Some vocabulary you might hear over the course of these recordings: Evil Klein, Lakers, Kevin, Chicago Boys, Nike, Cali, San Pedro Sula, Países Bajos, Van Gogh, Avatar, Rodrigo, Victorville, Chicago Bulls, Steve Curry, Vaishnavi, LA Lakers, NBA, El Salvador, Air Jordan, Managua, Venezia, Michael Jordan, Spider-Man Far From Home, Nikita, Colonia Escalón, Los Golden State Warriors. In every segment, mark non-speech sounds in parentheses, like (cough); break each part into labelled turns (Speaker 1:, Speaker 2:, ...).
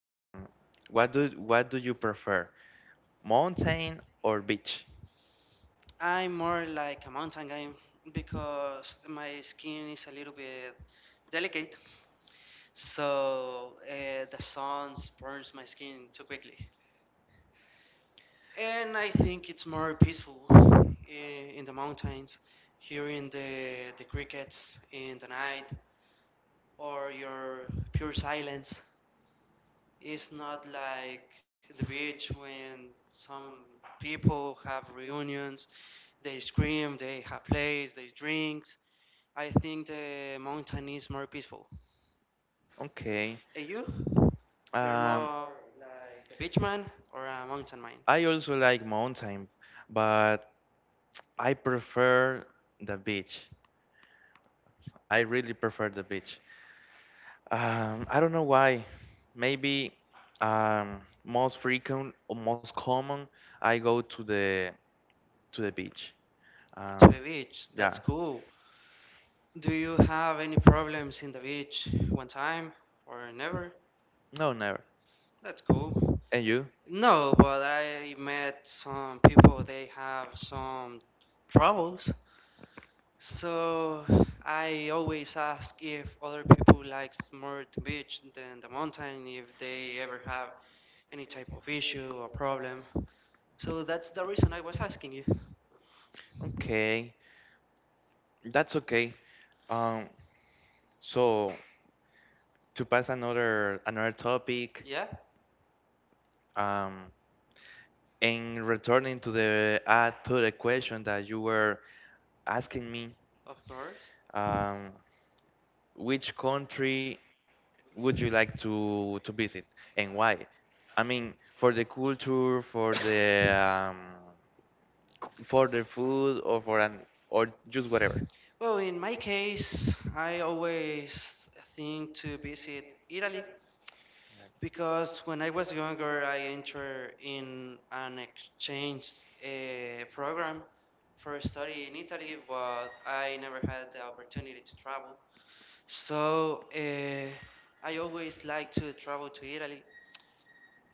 Speaker 1: um, what do you prefer, mountain or beach?
Speaker 2: I'm more like a mountain guy because my skin is a little bit delicate, so the sun burns my skin too quickly. And I think it's more peaceful in the mountains, hearing the crickets in the night or your pure silence. It's not like the beach when some people have reunions, they scream, they have plays, they drinks. I think the mountain is more peaceful.
Speaker 1: Okay.
Speaker 2: And you? You're
Speaker 1: Um,
Speaker 2: more beach man or a mountain man?
Speaker 1: I also like mountain, but I prefer the beach. I really prefer the beach. I don't know why. Maybe most frequent or most common, I go to the beach.
Speaker 2: To
Speaker 1: Um,
Speaker 2: the beach, that's
Speaker 1: yeah.
Speaker 2: cool. Do you have any problems in the beach one time or never?
Speaker 1: No, never.
Speaker 2: That's cool.
Speaker 1: And you?
Speaker 2: No, but I met some people, they have some troubles. So I always ask if other people likes more the beach than the mountain, if they ever have any type of issue or problem. So that's the reason I was asking you.
Speaker 1: Okay. That's okay. Um, so to pass another topic,
Speaker 2: Yeah,
Speaker 1: um, and returning to the add to the question that you were asking me,
Speaker 2: of course.
Speaker 1: um, which country would you like to visit and why? I mean, for the culture, for the um, for the food, or for an or just whatever.
Speaker 2: Well, in my case, I always think to visit Italy because when I was younger, I entered in an exchange program for study in Italy, but I never had the opportunity to travel. So I always like to travel to Italy,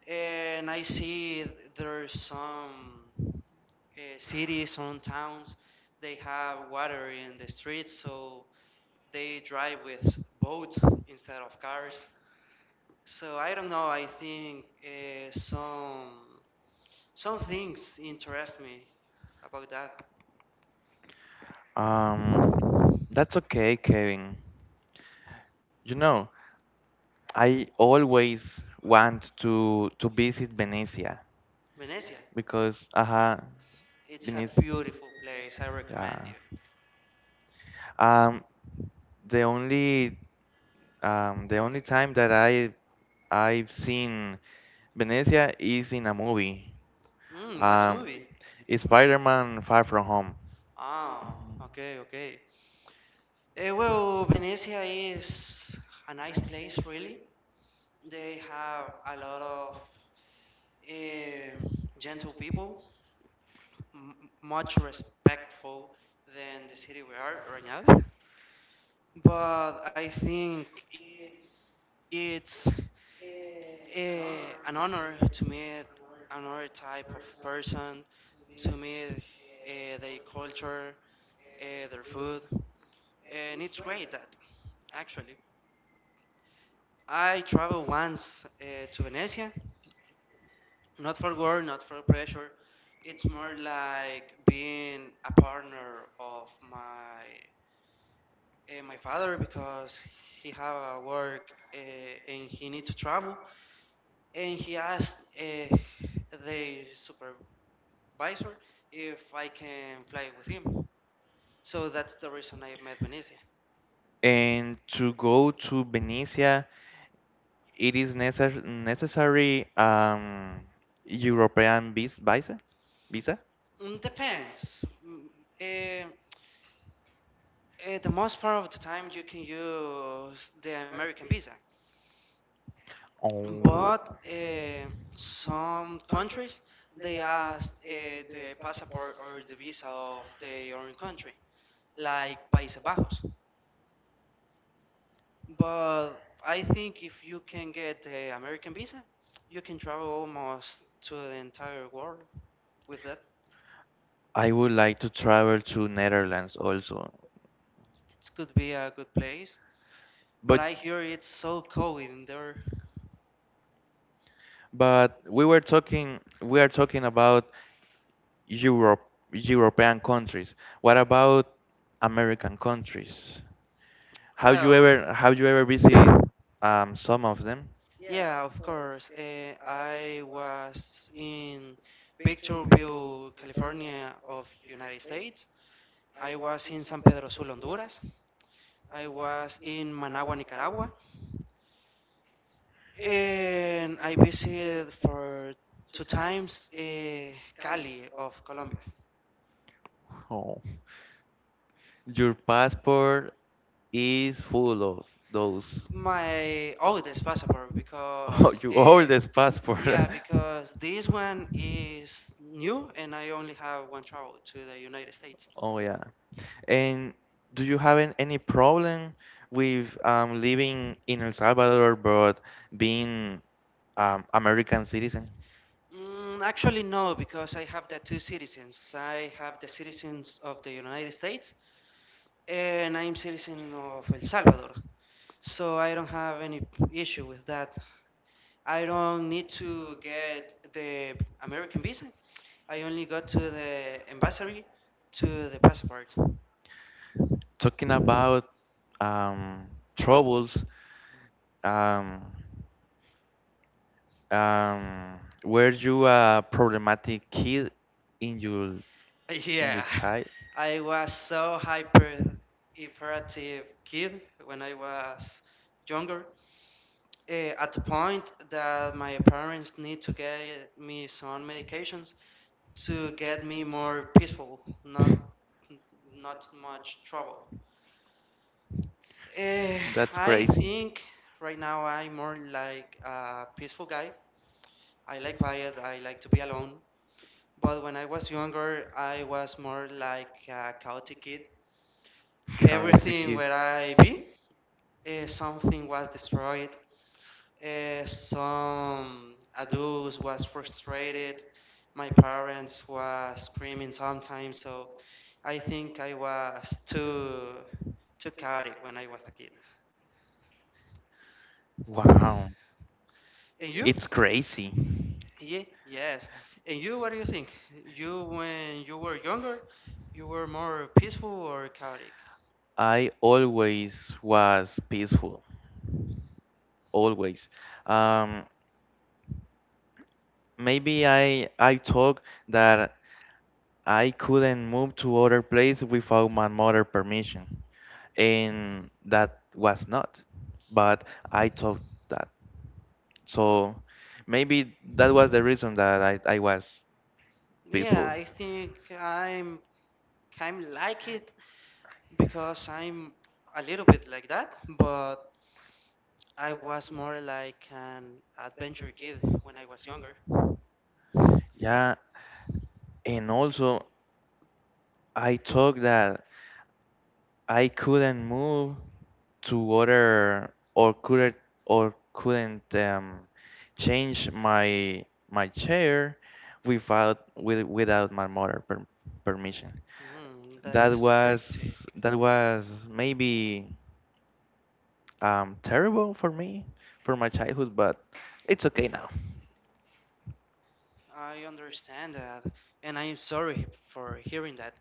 Speaker 2: and I see there's some. Cities, on towns, they have water in the streets, so they drive with boats instead of cars. So I don't know. I think some things interest me about that.
Speaker 1: Um, that's okay, Kevin. You know, I always want to visit Venezia
Speaker 2: Venezia,
Speaker 1: because
Speaker 2: it's a
Speaker 1: Venice,
Speaker 2: beautiful place. I recommend
Speaker 1: yeah.
Speaker 2: you.
Speaker 1: Um the only the only time that I've seen Venezia is in a movie.
Speaker 2: Mm, what
Speaker 1: Um
Speaker 2: movie?
Speaker 1: it's Spider-Man Far From Home.
Speaker 2: Oh,
Speaker 1: Mhm.
Speaker 2: okay, okay. Eh, well, Venezia is a nice place, really. They have a lot of eh, gentle people. m- Much respectful than the city we are right now. But I think it's an honor to meet another type of person, to meet their culture, their food, and it's great that actually. I traveled once to Venice, not for work, not for pressure. It's more like being a partner of my my father because he have a work and he need to travel and he asked the supervisor if I can fly with him. So that's the reason I met Venezia.
Speaker 1: And to go to Venezia, it is necessary European visa.
Speaker 2: Mm, depends. Eh, the most part of the time you can use the American visa,
Speaker 1: Oh,
Speaker 2: but some countries they ask the passport or the visa of their own country, like Países Bajos. But I think if you can get the American visa, you can travel almost to the entire world with that.
Speaker 1: I would like to travel to Netherlands also.
Speaker 2: It could be a good place. But I
Speaker 1: But
Speaker 2: hear it's so cold in there.
Speaker 1: but we were talking we are talking about Europe European countries. What about American countries?
Speaker 2: Well,
Speaker 1: Ever have you ever visited some of them?
Speaker 2: yeah, of course. I was in Victorville, California of United States. I was in San Pedro Sula, Honduras. I was in Managua, Nicaragua. And I visited for two times Cali of Colombia.
Speaker 1: Oh. Your passport is full of those.
Speaker 2: My oldest passport
Speaker 1: Oh,
Speaker 2: because
Speaker 1: you old this passport.
Speaker 2: yeah,
Speaker 1: (laughs)
Speaker 2: because this one is new and I only have one travel to the United States.
Speaker 1: Oh yeah. And do you have any problem with living in El Salvador but being American citizen?
Speaker 2: Mm, actually, no, because I have the two citizens. I have the citizens of the United States and I'm citizen of El Salvador. So I don't have any issue with that. I don't need to get the American visa. I only go to the embassy to the passport.
Speaker 1: Talking about um, troubles, um, um, were you a problematic kid in your in your
Speaker 2: Yeah, (laughs) I was so hyperactive kid when I was younger. At the point that my parents need to get me some medications to get me more peaceful, not much trouble. Eh,
Speaker 1: That's
Speaker 2: I
Speaker 1: crazy.
Speaker 2: think right now I'm more like a peaceful guy. I like quiet, I like to be alone. But when I was younger, I was more like a chaotic kid.
Speaker 1: Karate
Speaker 2: Everything
Speaker 1: Kid.
Speaker 2: where I be, something was destroyed. Eh, some adults was frustrated. My parents was screaming sometimes, so I think I was too chaotic when I was a kid.
Speaker 1: Wow.
Speaker 2: And you?
Speaker 1: It's crazy.
Speaker 2: Yeah, yes. And you, what do you think? You, when you were younger, you were more peaceful or chaotic?
Speaker 1: I always was peaceful, always. Um, maybe I thought that I couldn't move to other place without my mother permission, and that was not. But I thought that. So maybe that was the reason that I was
Speaker 2: Yeah,
Speaker 1: peaceful.
Speaker 2: I think I'm kind of like it because I'm a little bit like that, but I was more like an adventure kid when I was younger.
Speaker 1: Yeah, and also I thought that I couldn't move to other or couldn't change my chair without without my mother permission.
Speaker 2: Mm-hmm, the strict.
Speaker 1: That was maybe terrible for me for my childhood, but it's okay now.
Speaker 2: I understand that, and I'm sorry for hearing that.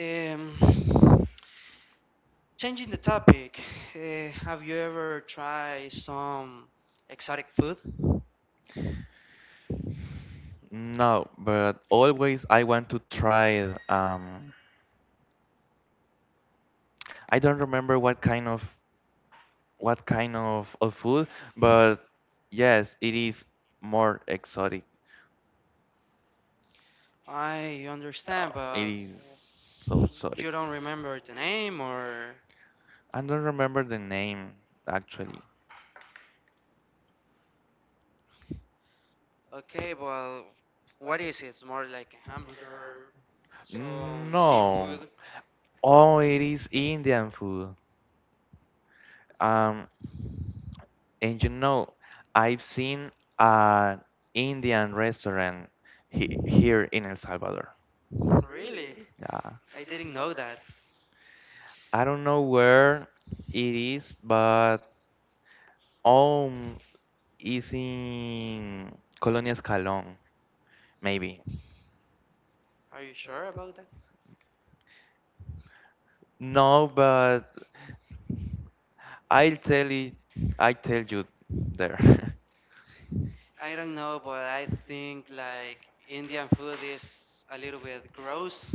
Speaker 2: Um, Changing the topic, have you ever tried some exotic food?
Speaker 1: No, but always I want to try I don't remember what kind of of food, but yes, it is more exotic.
Speaker 2: I
Speaker 1: Oh,
Speaker 2: understand,
Speaker 1: it
Speaker 2: but
Speaker 1: is so exotic.
Speaker 2: you don't remember the name or.
Speaker 1: I don't remember the name actually.
Speaker 2: Okay, well, what is it? It's more like a hamburger, some
Speaker 1: No.
Speaker 2: seafood.
Speaker 1: Oh, it is Indian food. Um, and you know, I've seen an Indian restaurant he here in El Salvador.
Speaker 2: Really?
Speaker 1: Yeah.
Speaker 2: I didn't know that.
Speaker 1: I don't know where it is, but um, is in Colonia Escalón, maybe.
Speaker 2: Are you sure about that?
Speaker 1: No, but I'll tell it. I tell you there. (laughs)
Speaker 2: I don't know, but I think like Indian food is a little bit gross,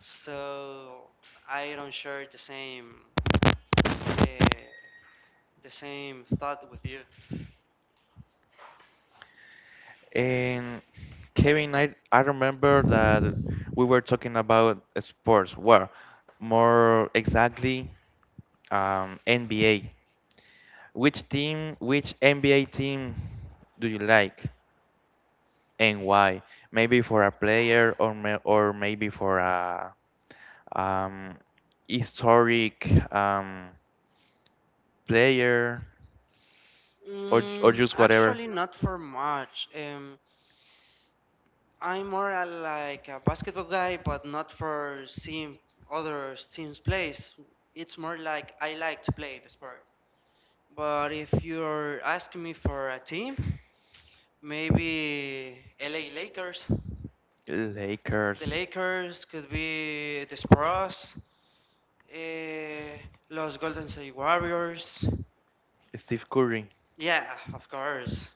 Speaker 2: so I don't share the same. Uh, The same thought with you.
Speaker 1: And Kevin, I remember that we were talking about sports. Well, more exactly, NBA. Which team, which NBA team do you like, and why? Maybe for a player, or ma or maybe for a um, historic player, or
Speaker 2: Mm,
Speaker 1: just whatever.
Speaker 2: actually, not for much. I'm more a, like a basketball guy, but not for seeing other teams play. It's more like I like to play the sport. But if you're asking me for a team, maybe LA Lakers. The
Speaker 1: Lakers.
Speaker 2: Lakers could be the Spurs, eh, Los Golden State Warriors.
Speaker 1: Steve Curry.
Speaker 2: Yeah, of course.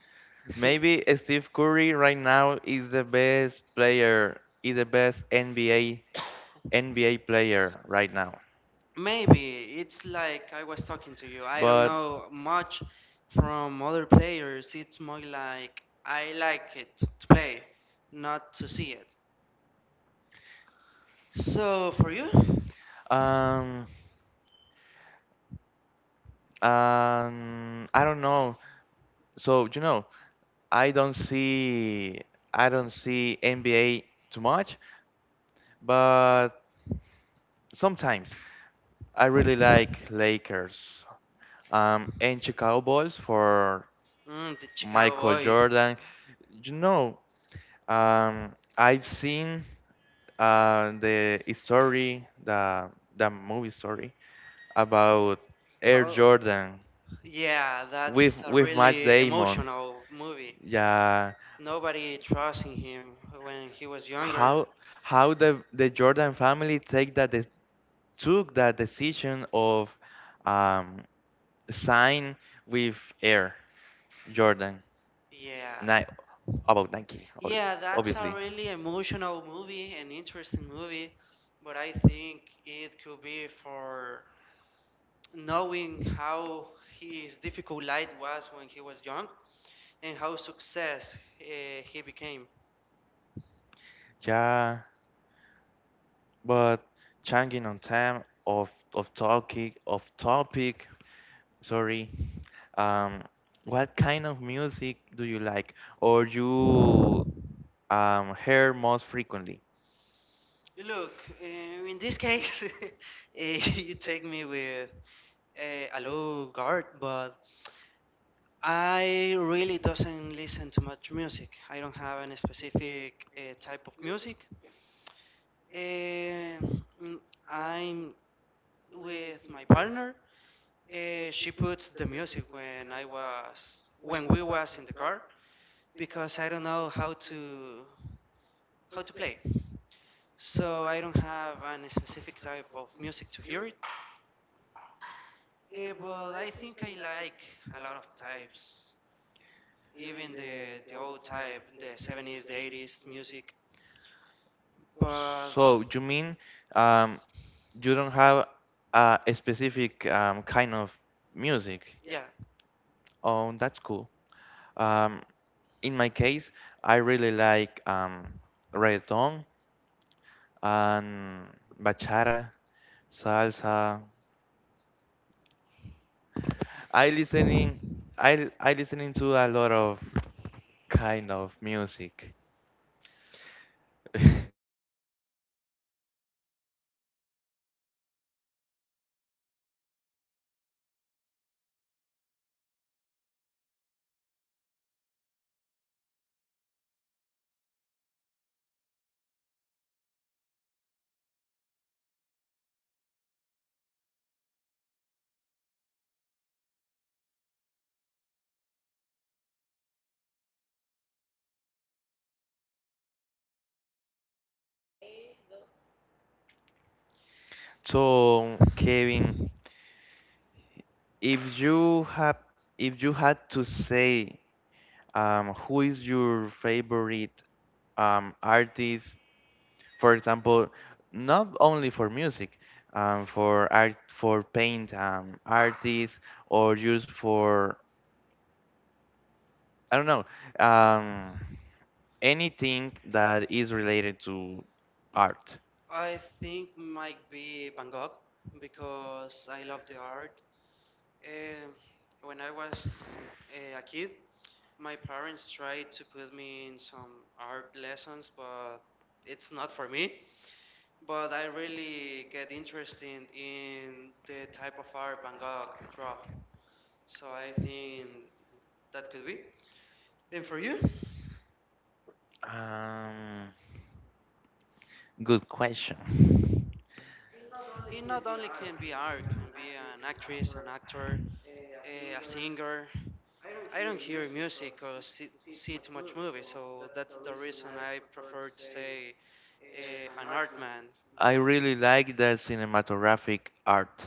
Speaker 1: Maybe
Speaker 2: (laughs)
Speaker 1: Steve Curry right now is the best player, is the best NBA player right now.
Speaker 2: Maybe it's like I was talking to you. I don't
Speaker 1: But
Speaker 2: know much from other players. It's more like I like it to play, not to see it. So for you, mm,
Speaker 1: um I don't know. So you know, I don't see I don't see NBA too much. But sometimes I really like Lakers and Chicago Bulls for
Speaker 2: the Chicago
Speaker 1: Michael
Speaker 2: Boys.
Speaker 1: Jordan. You know, I've seen the story, the movie story about Air
Speaker 2: How?
Speaker 1: Jordan
Speaker 2: Yeah,
Speaker 1: with
Speaker 2: that's a
Speaker 1: Matt
Speaker 2: really
Speaker 1: Damon.
Speaker 2: emotional movie.
Speaker 1: Yeah,
Speaker 2: Nobody trusting him when he was younger.
Speaker 1: how the Jordan family take that took that decision of um, sign with Air Jordan,
Speaker 2: Yeah,
Speaker 1: Ni- about Nike,
Speaker 2: yeah, that's a
Speaker 1: obviously.
Speaker 2: really emotional movie, an interesting movie, but I think it could be for knowing how his difficult life was when he was young and how success he became.
Speaker 1: Yeah, but changing on time of of topic. Sorry. Um, what kind of music do you like, or you hear most frequently?
Speaker 2: Look, in this case, (laughs) you take me with a low guard, but I really doesn't listen to much music. I don't have any specific type of music. Um, I'm with my partner. She puts the music when I was when we was in the car because I don't know how to play. So I don't have any specific type of music to hear it. Eh, but I think I like a lot of types, even the old type, the 70s, the 80s music. But
Speaker 1: So you mean um you don't have a specific kind of music.
Speaker 2: yeah,
Speaker 1: Oh, that's cool. Um, in my case, I really like reggaeton and bachata, salsa. I listening, I listening to a lot of kind of music. (laughs) So, Kevin, if you have if you had to say who is your favorite artist, for example, not only for music, for art, for paint, artists, or just for I don't know, um, anything that is related to art.
Speaker 2: I think might be Van Gogh because I love the art. Eh, when I was a kid, my parents tried to put me in some art lessons, but it's not for me. But I really get interested in the type of art Van Gogh draw. So I think that could be. And for you?
Speaker 1: Um, good question.
Speaker 2: It not only can be art, can be an actress, an actor, a singer. I don't hear music or see too much movie, so that's the reason I prefer to say an art man,
Speaker 1: I
Speaker 2: but
Speaker 1: really like the cinematographic art.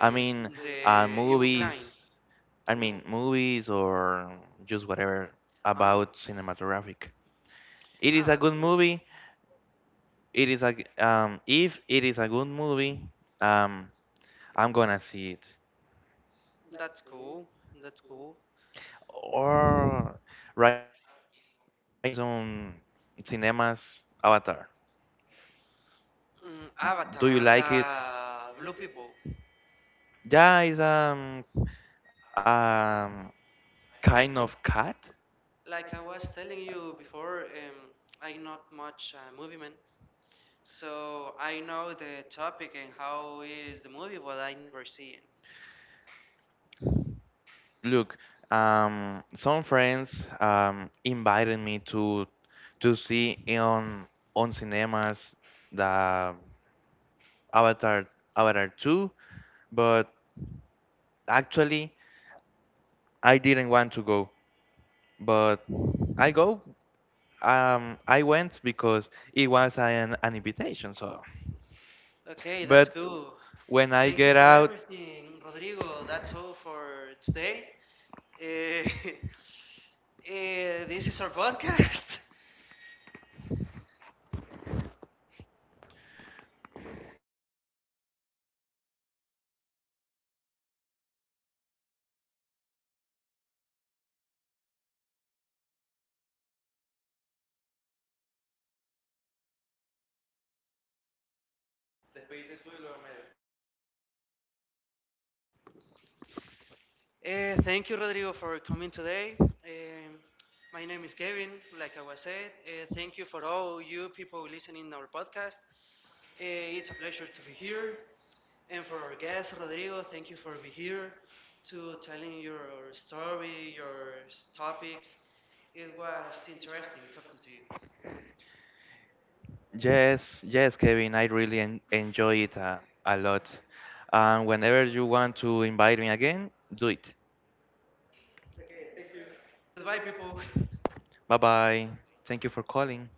Speaker 1: I mean,
Speaker 2: the Evil
Speaker 1: movies.
Speaker 2: Klein.
Speaker 1: I
Speaker 2: They will.
Speaker 1: mean, movies or just whatever
Speaker 2: Ah,
Speaker 1: about cinematographic. It
Speaker 2: ah,
Speaker 1: is a
Speaker 2: that's
Speaker 1: good
Speaker 2: cool.
Speaker 1: movie It is a g- if it is a good movie, um, I'm gonna see it.
Speaker 2: That's cool. That's cool.
Speaker 1: Or right now is on cinemas Avatar.
Speaker 2: Mm,
Speaker 1: Do you
Speaker 2: Avatar,
Speaker 1: like it?
Speaker 2: the blue people.
Speaker 1: Yeah, it's um kind of cat.
Speaker 2: Like I was telling you before, I'm not much a movie man, so I know the topic and how is the movie, but I never see it.
Speaker 1: Look, some
Speaker 2: Yeah.
Speaker 1: friends invited me to see on cinemas the Avatar Avatar 2, but actually, I didn't want to go, but I go. I went because it was an invitation. So,
Speaker 2: Okay, that's
Speaker 1: but
Speaker 2: cool.
Speaker 1: when I
Speaker 2: Thank you
Speaker 1: get
Speaker 2: for
Speaker 1: out,
Speaker 2: everything, Rodrigo. That's all for today. Eh, (laughs) this is our podcast. (laughs) Eh, thank you, Rodrigo, for coming today. My name is Kevin, like I was said. Eh, thank you for all you people listening our podcast. Eh, it's a pleasure to be here. And for our guest, Rodrigo, thank you for being here to telling your story, your topics. It was interesting talking to you.
Speaker 1: yes, yes, Kevin, I really en enjoy it a lot. And whenever you want to invite me again, do it.
Speaker 2: Goodbye, people. (laughs)
Speaker 1: Bye bye. Thank you for calling.